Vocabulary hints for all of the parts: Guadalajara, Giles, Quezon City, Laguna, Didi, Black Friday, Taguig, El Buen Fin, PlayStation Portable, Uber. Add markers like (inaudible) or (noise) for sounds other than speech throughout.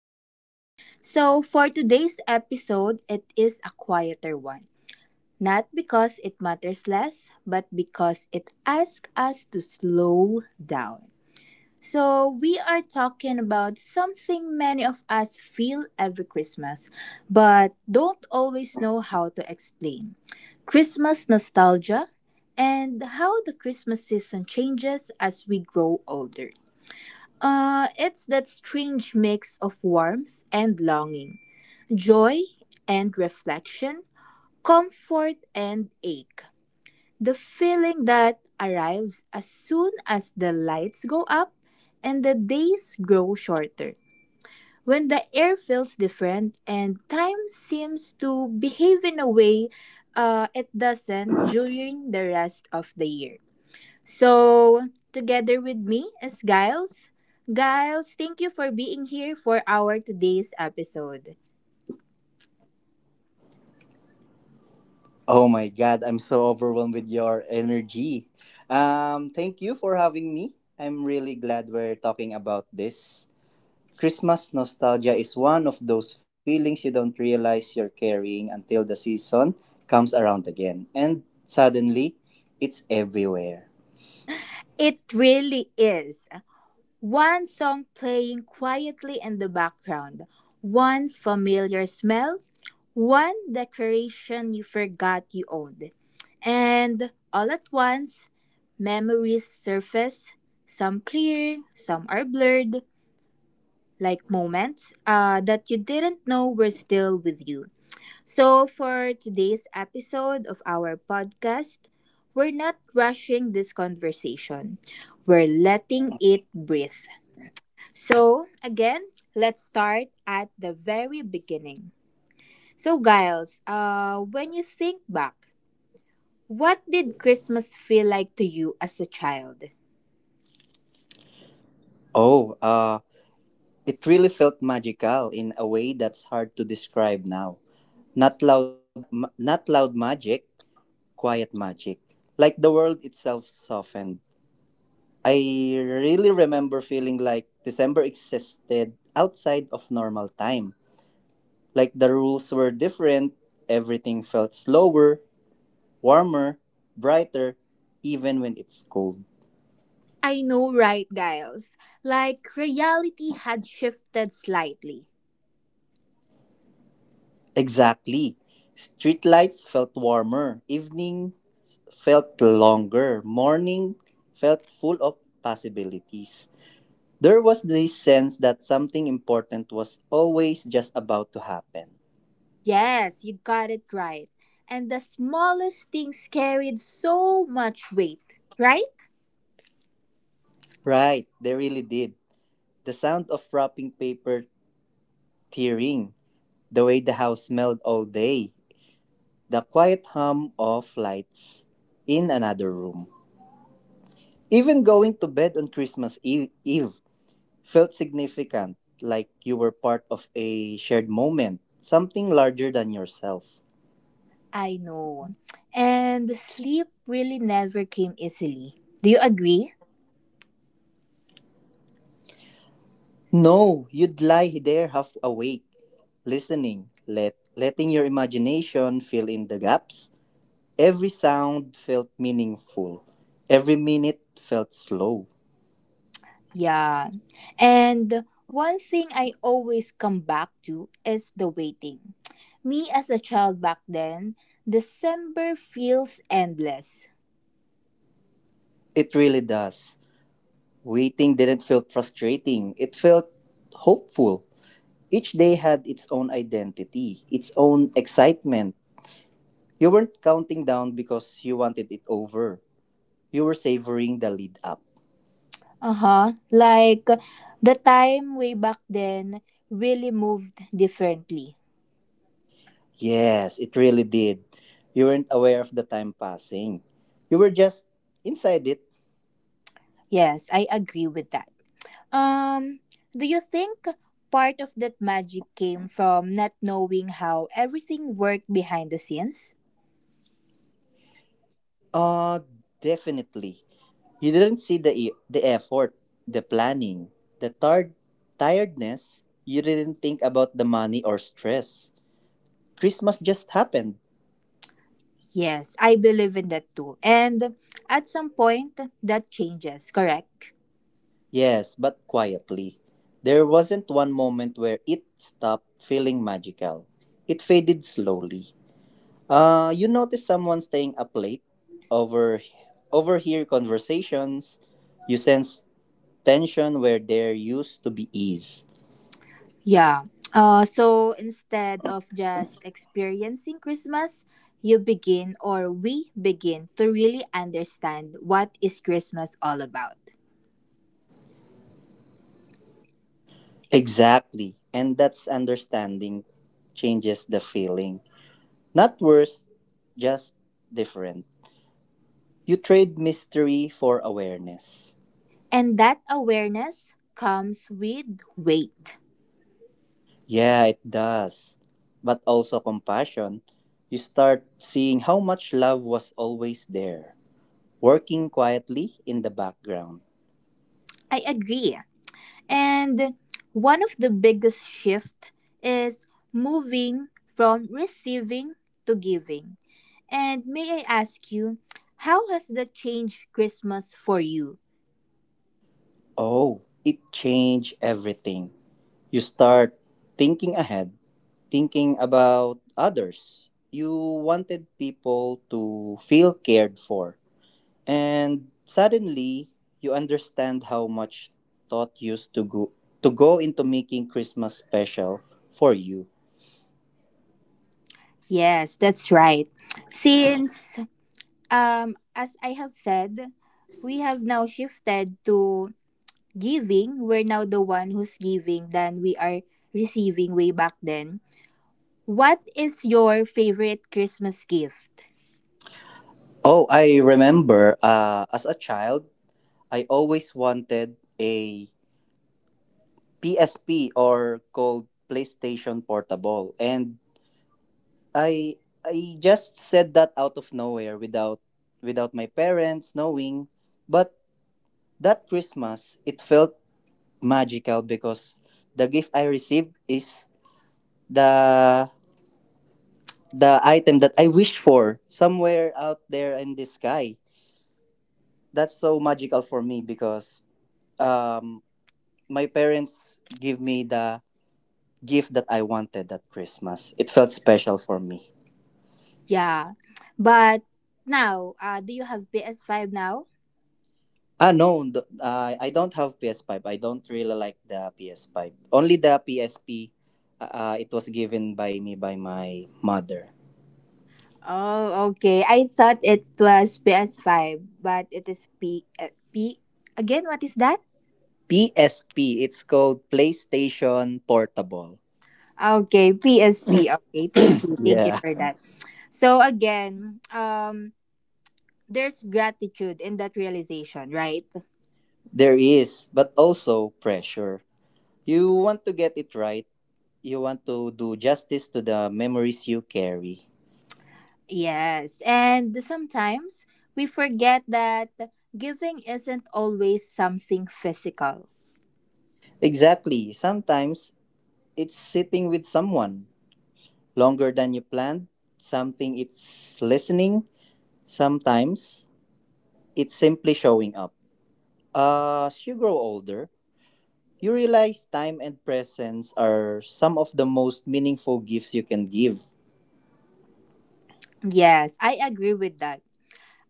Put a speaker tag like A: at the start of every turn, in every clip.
A: podcast. So, for today's episode, it is a quieter one. Not because it matters less, but because it asks us to slow down. So, we are talking about something many of us feel every Christmas, but don't always know how to explain Christmas nostalgia and how the Christmas season changes as we grow older. It's that strange mix of warmth and longing, joy and reflection, comfort and ache. The feeling that arrives as soon as the lights go up and the days grow shorter. When the air feels different and time seems to behave in a way it doesn't during the rest of the year. So, together with me is Giles. Giles, thank you for being here for our today's episode.
B: Oh my god, I'm so overwhelmed with your energy. Thank you for having me. I'm really glad we're talking about this. Christmas nostalgia is one of those feelings you don't realize you're carrying until the season comes around again and suddenly it's everywhere.
A: It really is. One song playing quietly in the background, one familiar smell, one decoration you forgot you owned. And all at once, memories surface. Some clear, some are blurred, like moments that you didn't know were still with you. So, for today's episode of our podcast, we're not rushing this conversation. We're letting it breathe. So, again, let's start at the very beginning. So, Giles, when you think back, what did Christmas feel like to you as a child?
B: Oh, it really felt magical in a way that's hard to describe now. Not loud not loud magic, quiet magic, like the world itself softened. I really remember feeling like December existed outside of normal time. Like the rules were different, everything felt slower, warmer, brighter, even when it's cold.
A: I know, right, Giles? Like reality had shifted slightly.
B: Exactly. Streetlights felt warmer, evening felt longer, morning felt full of possibilities. There was this sense that something important was always just about to happen.
A: Yes, you got it right. And the smallest things carried so much weight, right?
B: Right, they really did. The sound of wrapping paper tearing, the way the house smelled all day, the quiet hum of lights in another room. Even going to bed on Christmas Eve felt significant, like you were part of a shared moment, something larger than yourself.
A: I know. And the sleep really never came easily. Do you agree?
B: No, you'd lie there half awake, listening, letting your imagination fill in the gaps. Every sound felt meaningful. Every minute felt slow.
A: Yeah. And one thing I always come back to is the waiting. Me as a child back then, December feels endless.
B: It really does. Waiting didn't feel frustrating, it felt hopeful. Each day had its own identity, its own excitement. You weren't counting down because you wanted it over. You were savoring the lead up.
A: Uh huh. Like the time way back then really moved differently.
B: Yes, it really did. You weren't aware of the time passing. You were just inside it.
A: Yes, I agree with that. Um, do you think part of that magic came from not knowing how everything worked behind the scenes?
B: Uh, Definitely. You didn't see the effort, the planning, the tiredness. You didn't think about the money or stress. Christmas just happened.
A: Yes, I believe in that too. And at some point, that changes, correct?
B: Yes, but quietly. There wasn't one moment where it stopped feeling magical. It faded slowly. You notice someone staying up late, over overhear conversations. You sense tension where there used to be ease.
A: Yeah. So instead of just experiencing Christmas, you begin or we begin to really understand what is Christmas all about.
B: Exactly. And that's understanding changes the feeling. Not worse, just different. You trade mystery for awareness.
A: And that awareness comes with weight.
B: Yeah, it does. But also compassion. You start seeing how much love was always there, working quietly in the background.
A: I agree. And one of the biggest shift is moving from receiving to giving. And may I ask you, how has that changed Christmas for you?
B: Oh, it changed everything. You start thinking ahead, thinking about others. You wanted people to feel cared for. And suddenly, you understand how much thought used to go into making Christmas special for you.
A: Yes, that's right. Since as I have said, we have now shifted to giving. We're now the one who's giving than we are receiving way back then. What is your favorite Christmas gift?
B: Oh, I remember as a child, I always wanted a PSP, or called PlayStation Portable. And I I just said that out of nowhere without my parents knowing. But that Christmas it felt magical because the gift I received is the the item that I wished for somewhere out there in the sky. That's so magical for me because um my parents give me the gift that I wanted that Christmas. It felt special for me.
A: Yeah, but now, do you have PS5 now?
B: No, I don't have PS5. I don't really like the PS5. Only the PSP. It was given by me by my mother.
A: Oh, okay. I thought it was PS5, but it is P again. What is that?
B: PSP. It's called PlayStation Portable.
A: Okay, PSP. Okay,
B: (laughs)
A: thank you
B: Yeah,
A: for that. So again, there's gratitude in that realization, right?
B: there is, but also pressure. You want to get it right. You want to do justice to the memories you carry.
A: Yes, and sometimes we forget that giving isn't always something physical.
B: Exactly. Sometimes it's sitting with someone longer than you planned. Something it's listening. Sometimes it's simply showing up. As you grow older, you realize time and presence are some of the most meaningful gifts you can give.
A: Yes, I agree with that.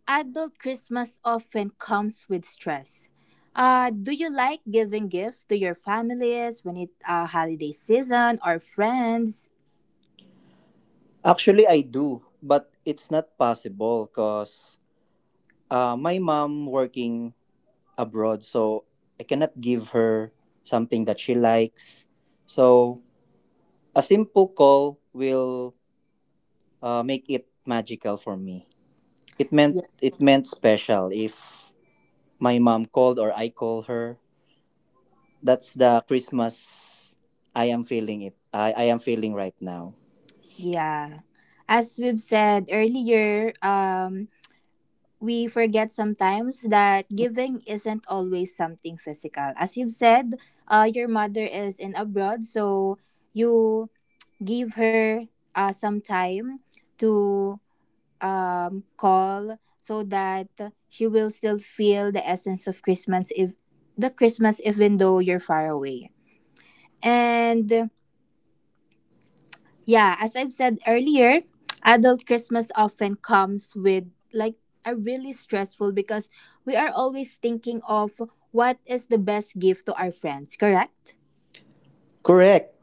A: Adult Christmas often comes with stress. Do you like giving gifts to your families when it holiday season or friends?
B: Actually, I do, but it's not possible because my mom working abroad, so I cannot give her something that she likes. So a simple call will, make it magical for me. It meant
A: Ye-
B: it meant special if my mom called or I call her. That's the Christmas I am feeling it. I am feeling right now.
A: Yeah. As we've said earlier, we forget sometimes that giving isn't always something physical. As you've said, your mother is in abroad, so you give her some time to call so that she will still feel the essence of Christmas if the Christmas even though you're far away. And yeah, as I've said earlier, adult Christmas often comes with like a really stressful because we are always thinking of what is the best gift to our friends, correct?
B: Correct.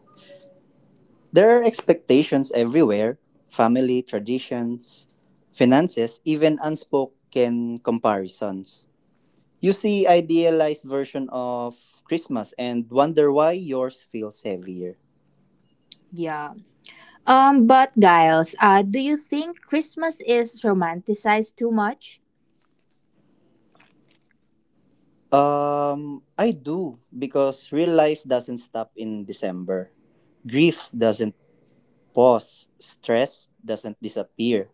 B: There are expectations everywhere: family, traditions, finances, even unspoken comparisons. You see idealized version of Christmas and wonder why yours feels heavier.
A: Yeah. But Giles, do you think Christmas is romanticized too much?
B: I do because real life doesn't stop in December. Grief doesn't pause, stress doesn't disappear.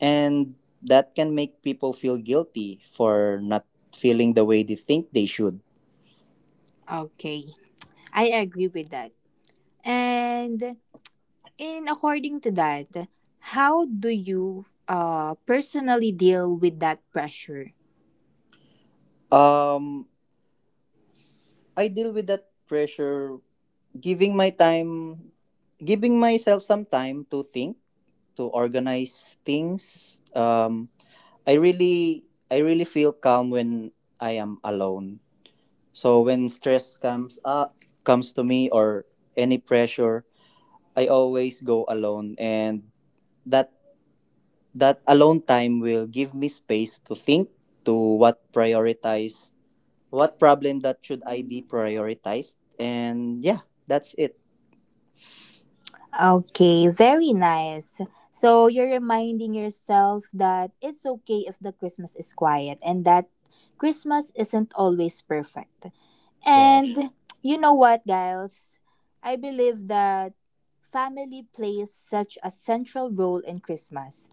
B: And that can make people feel guilty for not feeling the way they think they should.
A: Okay. I agree with that. And And according to that, how do you personally deal with that pressure?
B: Um, I deal with that pressure giving my time, giving myself some time to think, to organize things. I really I really feel calm when I am alone. So when stress comes to me or any pressure, I always go alone, and that That alone time will give me space to think, to what prioritize, what problem that should I be prioritized, and yeah, that's it.
A: Okay, very nice. So you're reminding yourself that it's okay if the Christmas is quiet and that Christmas isn't always perfect.
B: Yes.
A: And you know what, guys? I believe that family plays such a central role in Christmas.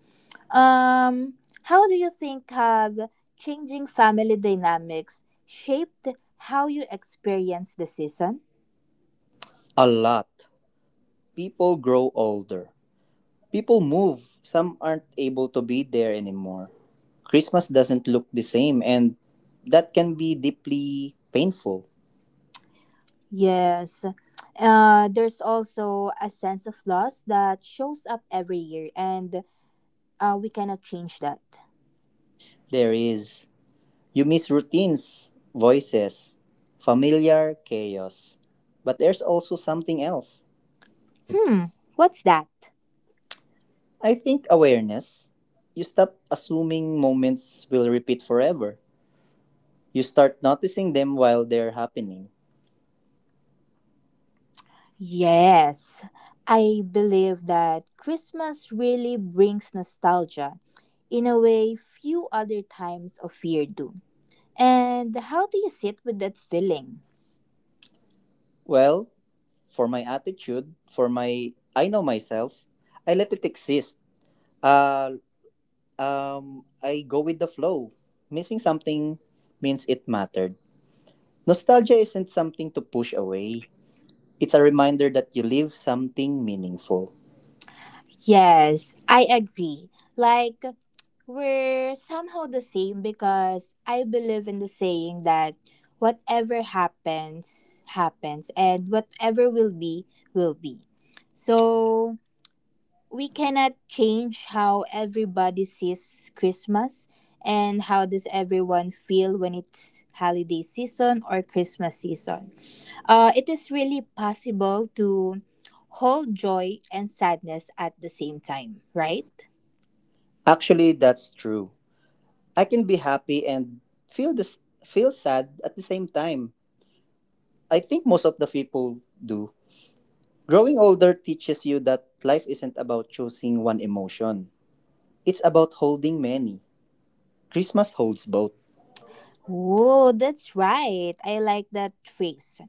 A: Um, how do you think have changing family dynamics shaped how you experience the season?
B: A lot. People grow older. People move. Some aren't able to be there anymore. Christmas doesn't look the same and that can be deeply painful.
A: Yes. There's also a sense of loss that shows up every year, and we cannot change that.
B: There is. You miss routines, voices, familiar chaos. But there's also something else.
A: Hmm, what's that?
B: I think awareness. You stop assuming moments will repeat forever. You start noticing them while they're happening.
A: Yes, I believe that Christmas really brings nostalgia in a way few other times of year do. And how do you sit with that feeling?
B: Well, for my attitude, for my, I know myself, I let it exist. Uh, I go with the flow. Missing something means it mattered. Nostalgia isn't something to push away. It's a reminder that you live something meaningful.
A: Yes, I agree. Like, we're somehow the same because I believe in the saying that whatever happens, happens, and whatever will be, will be. So, we cannot change how everybody sees Christmas and how does everyone feel when it's holiday season or Christmas season. It is really possible to hold joy and sadness at the same time, right?
B: Actually, that's true. I can be happy and feel sad at the same time. I think most of the people do. Growing older teaches you that life isn't about choosing one emotion, it's about holding many. Christmas holds both.
A: Oh, that's right. I like that phrase.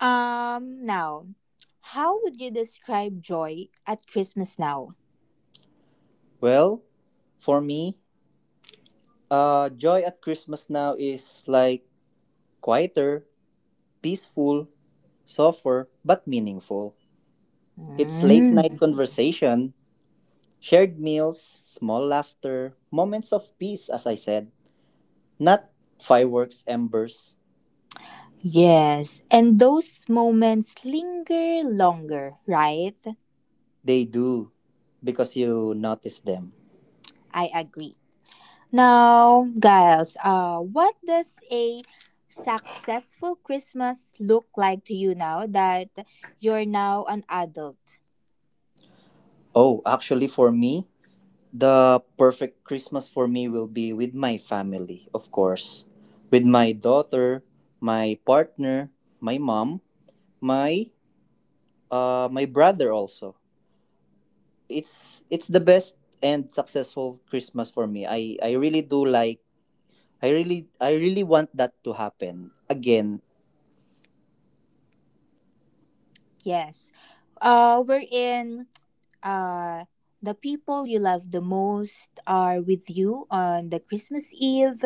A: Now, how would you describe joy at Christmas now?
B: Well, for me, joy at Christmas now is like quieter, peaceful, softer, but meaningful. It's late night
A: Mm.
B: conversation, shared meals, small laughter, moments of peace, as I said. Not fireworks, embers.
A: Yes, and those moments linger longer, right?
B: They do because you notice them.
A: I agree. Now, Giles, what does a successful Christmas look like to you now that you're now an adult?
B: Oh, actually, for me, the perfect Christmas for me will be with my family, of course. With my daughter, my partner, my mom, my my brother also. It's the best and successful Christmas for me. I really do like. I really want that to happen. Again,
A: Yes. We're in uh, the people you love the most are with you on the Christmas Eve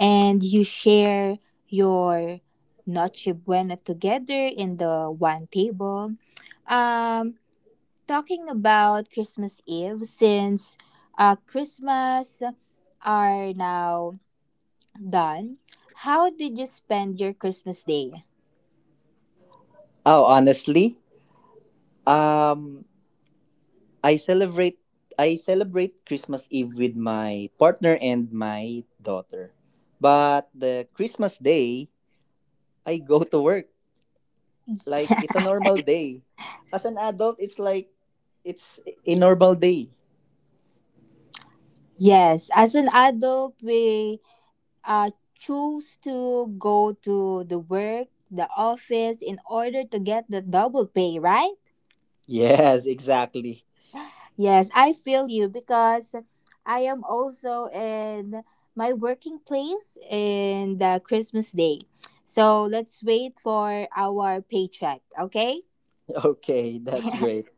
A: and you share your Noche Buena together in the one table. Um, Talking about Christmas Eve since Christmas are now done. How did you spend your Christmas day?
B: oh honestly, um I celebrate I celebrate Christmas Eve with my partner and my daughter. But the Christmas day, I go to work. Like it's
A: (laughs)
B: a normal day. As an adult, it's like it's a normal day.
A: Yes, as an adult, we uh, choose to go to the work, the office in order to get the double pay, right?
B: Yes, exactly. (laughs)
A: Yes, I feel you because I am also in my working place in the Christmas Day. So let's wait for our paycheck, okay?
B: Okay, that's great.
A: (laughs)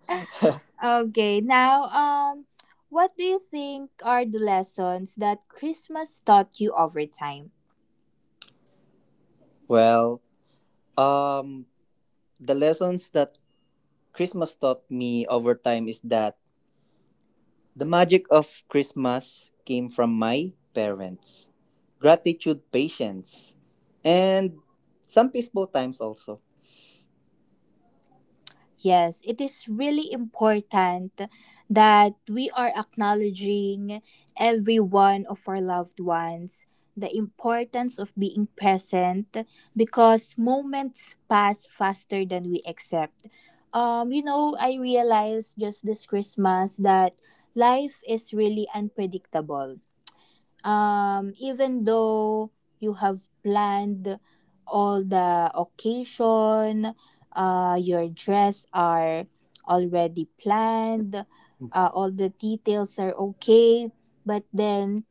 A: Okay, now what do you think are the lessons that Christmas taught you over time?
B: Well, um the lessons that Christmas taught me over time is that the magic of Christmas came from my parents. Gratitude, patience, and some peaceful times also.
A: Yes, it is really important that we are acknowledging every one of our loved ones, the importance of being present because moments pass faster than we accept. I realized just this Christmas that life is really unpredictable even though you have planned all the occasion, your dress are already planned, all the details are okay, but then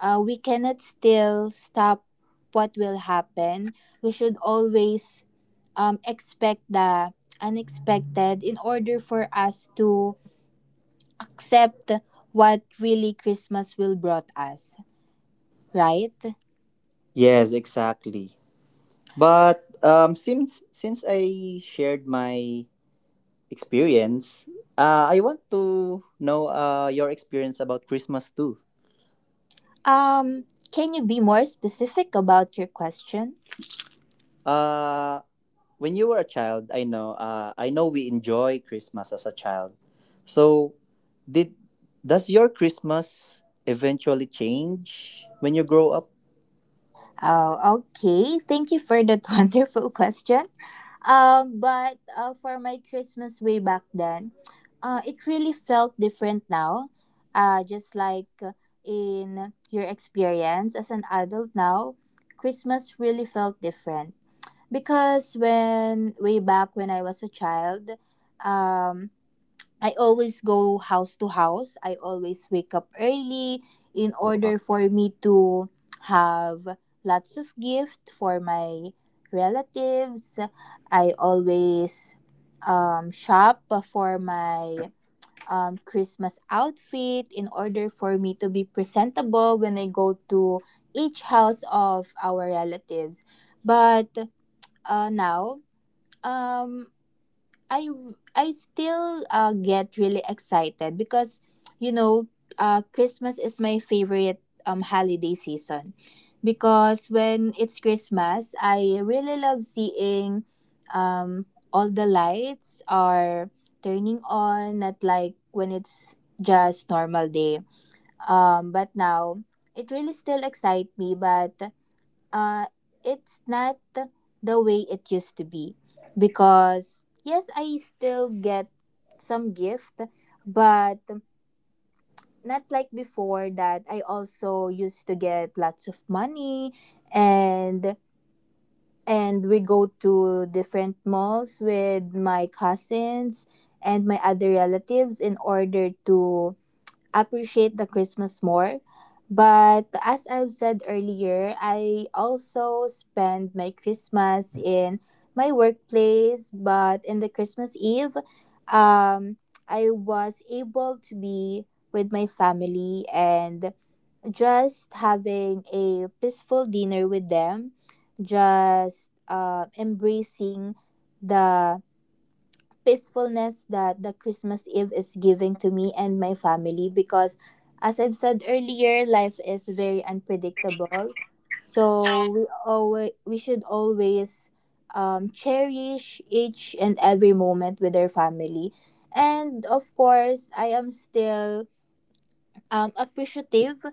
A: we cannot still stop what will happen. We should always expect the unexpected in order for us to accept what really Christmas will brought us, right?
B: Yes, exactly. But since I shared my experience, I want to know your experience about Christmas too.
A: Um, can you be more specific about your question?
B: Uh, when you were a child, I know we enjoy Christmas as a child. So, did does your Christmas eventually change when you grow up?
A: Oh, okay. Thank you for that (laughs) wonderful question. But For my Christmas way back then, it really felt different now. Just like in your experience as an adult now, Christmas really felt different because when way back when I was a child, um, I always go house to house. I always wake up early in order for me to have lots of gift for my relatives. I always shop for my Christmas outfit in order for me to be presentable when I go to each house of our relatives. But now, um, I I still get really excited because you know Christmas is my favorite holiday season because when it's Christmas I really love seeing um all the lights are turning on not like when it's just normal day but now it really still excites me but uh, it's not the way it used to be because yes I still get some gift but not like before that I also used to get lots of money and we go to different malls with my cousins and my other relatives in order to appreciate the Christmas more. But as I've said earlier, I also spend my Christmas in my workplace. But in the Christmas Eve, um, I was able to be with my family and just having a peaceful dinner with them, just embracing the peacefulness that the Christmas Eve is giving to me and my family because as I've said earlier, life is very unpredictable. So we should always cherish each and every moment with our family. And of course, I am still appreciative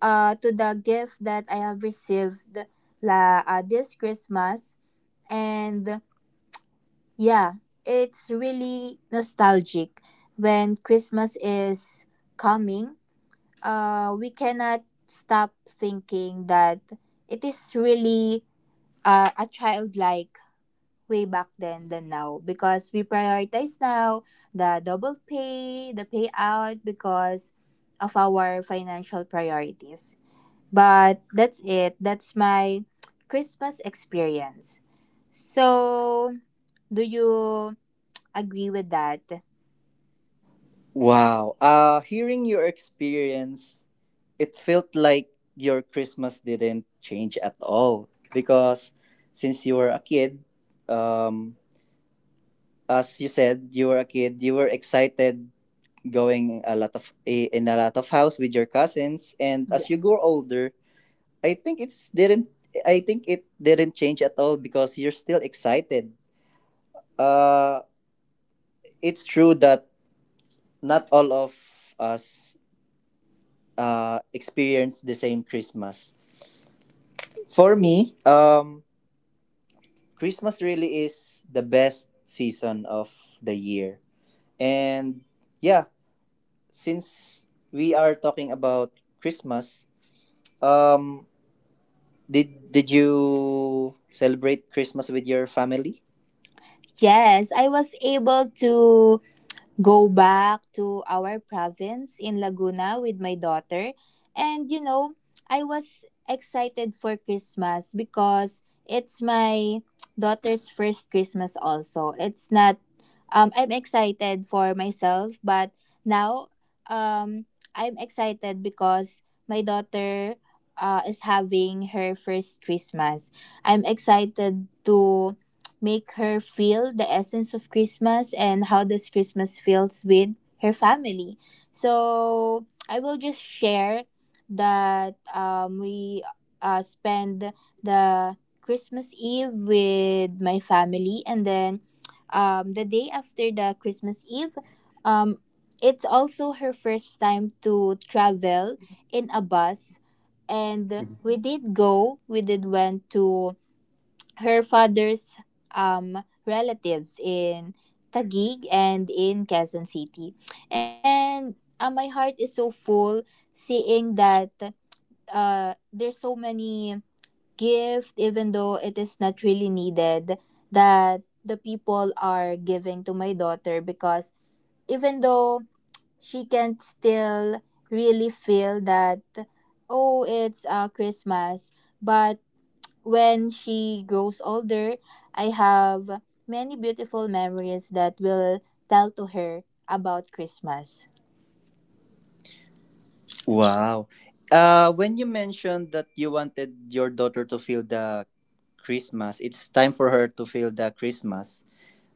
A: to the gift that I have received this Christmas. And yeah, it's really nostalgic. When Christmas is coming, we cannot stop thinking that it is really a childlike way back then than now because we prioritize now the double pay, the payout because of our financial priorities. But that's it. That's my Christmas experience. So, do you agree with that?
B: Wow. Hearing your experience, it felt like your Christmas didn't change at all because since you were a kid, um, as you said, you were a kid, you were excited going a lot of eh, in a lot of house with your cousins, and as you grow older, I think it's didn't I think it didn't change at all because you're still excited. Uh it's true that not all of us experience the same Christmas. For me, Christmas really is the best season of the year. And yeah, since we are talking about Christmas, um did you celebrate Christmas with your family?
A: Yes, I was able to go back to our province in Laguna with my daughter. And you know, I was excited for Christmas because it's my daughter's first Christmas also. It's not I'm excited for myself, but now um I'm excited because my daughter is having her first Christmas. I'm excited to make her feel the essence of Christmas and how does Christmas feels with her family. So I will just share that we spend the Christmas Eve with my family and then the day after the Christmas Eve, um, it's also her first time to travel in a bus and we did went to her father's relatives in Taguig and in Quezon City. And my heart is so full seeing that there's so many gift, even though it is not really needed, that the people are giving to my daughter because even though she can still really feel that, oh, it's Christmas, but when she grows older, I have many beautiful memories that will tell to her about Christmas.
B: Wow. When you mentioned that you wanted your daughter to feel the Christmas, it's time for her to feel the Christmas.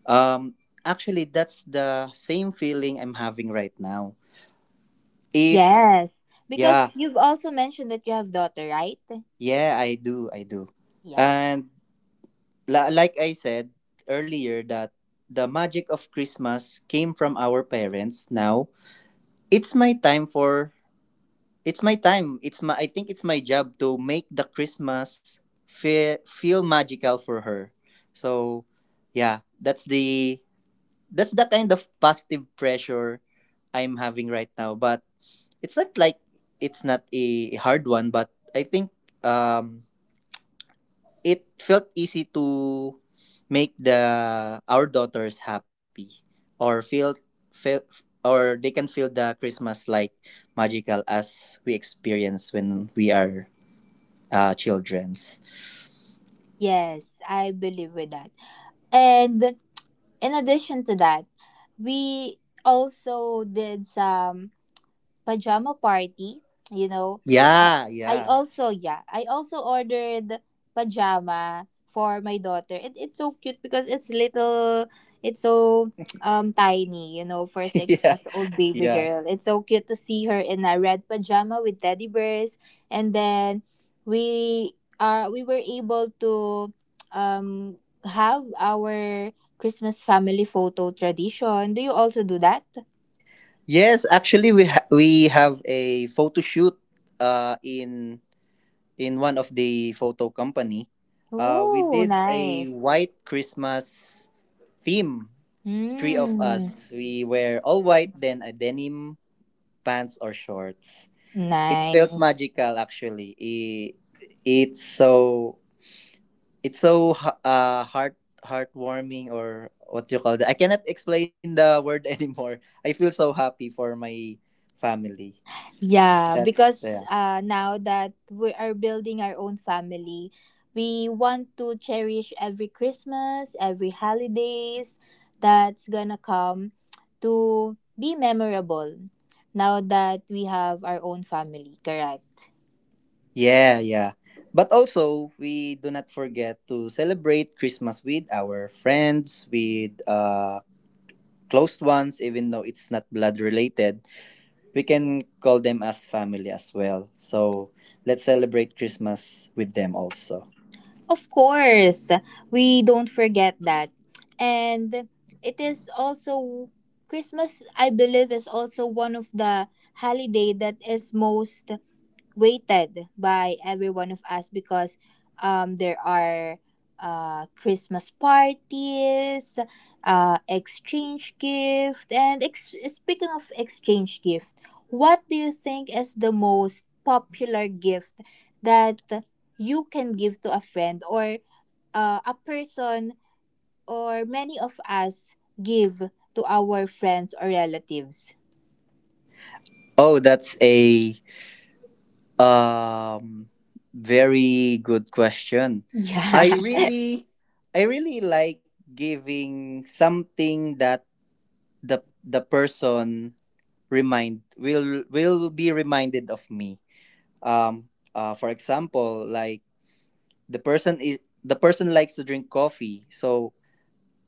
B: Um, actually, that's the same feeling I'm having right now. It's,
A: Yes, because
B: yeah,
A: you've also mentioned that you have daughter, right?
B: yeah, I do, I do.
A: Yeah.
B: And like I said earlier, that the magic of Christmas came from our parents. Now, it's my time for It's my time. It's my I think it's my job to make the Christmas feel magical for her. So, yeah, that's the kind of positive pressure I'm having right now, but it's not like it's not a hard one, but I think um it felt easy to make the our daughters happy, or feel feel or they can feel the Christmas like magical as we experience when we are children's.
A: Yes, I believe with that. And in addition to that, we also did some pajama party, you know. Uh,
B: Yeah, yeah.
A: I also ordered pajama for my daughter. It's so cute because it's little, it's so tiny, for a
B: (laughs)
A: six
B: Yeah,
A: months old baby
B: yeah.
A: girl. It's so cute to see her in a red pajama with teddy bears. And then we were able to um have our Christmas family photo tradition. Do you also do that?
B: Yes, actually, we have a photo shoot uh in in one of the photo company. Uh, we
A: Oh,
B: did a
A: nice.
B: white Christmas theme. Three of
A: Mm,
B: us, we wear all white, then a denim pants or shorts. It felt
A: nice.
B: magical, actually. It's so it's so heartwarming, or what you call that. I cannot explain the word (laughs) anymore. I feel so happy for my family.
A: Yeah,
B: That
A: because
B: Yeah.
A: now that we are building our own family, we want to cherish every Christmas, every holidays that's gonna come to be memorable now that we have our own family, correct?
B: Yeah, yeah. But also, we do not forget to celebrate Christmas with our friends, with close ones, even though it's not blood related. We can call them as family as well. So let's celebrate Christmas with them also.
A: Of course, we don't forget that. And it is also Christmas, I believe, is also one of the holiday that is most waited by every one of us because there are Christmas parties, exchange gift, and speaking of exchange gift, what do you think is the most popular gift that you can give to a friend or a person or many of us give to our friends or relatives?
B: Oh, that's a um very good question.
A: Yeah.
B: I really I really like giving something that the person remind will be reminded of me. Um for example, like the person is the person likes to drink coffee. So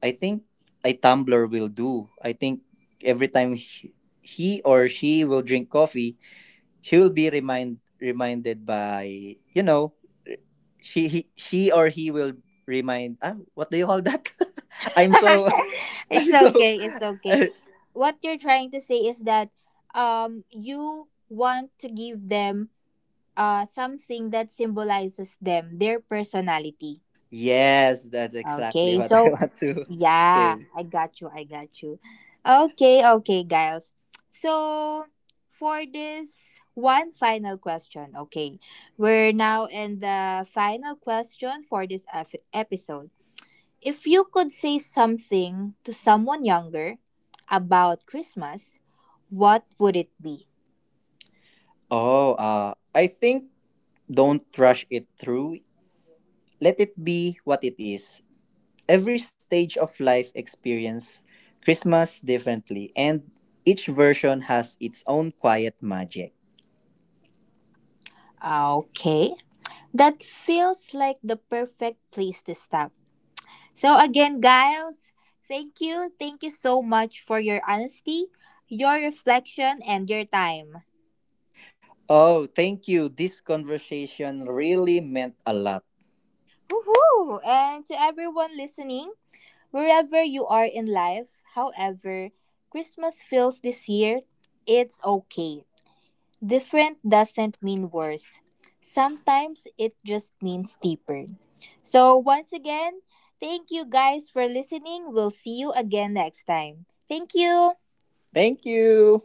B: I think a tumbler will do. I think every time he or she will drink coffee, she will be reminded by, you know, she he, she or he will remind ah what do you call that? (laughs) I'm
A: (laughs)
B: so (laughs)
A: It's
B: I'm so
A: okay. It's okay.
B: (laughs)
A: What you're trying to say is that you want to give them something that symbolizes them their personality.
B: Yes, that's exactly
A: Okay,
B: what I
A: so
B: want to
A: yeah,
B: say.
A: I got you, I got you. Okay, okay, guys. So, for this one final question, okay, we're now in the final question for this episode. If you could say something to someone younger about Christmas, what would it be?
B: Oh, I think don't rush it through. Let it be what it is. Every stage of life experience Christmas differently, and each version has its own quiet magic.
A: Okay. That feels like the perfect place to stop. So, again, guys, thank you. Thank you so much for your honesty, your reflection, and your time.
B: Oh, thank you. This conversation really meant a lot.
A: Woohoo! And to everyone listening, wherever you are in life, however Christmas feels this year, it's okay. Different doesn't mean worse. Sometimes it just means deeper. So, once again, thank you guys for listening. We'll see you again next time. Thank you.
B: Thank you.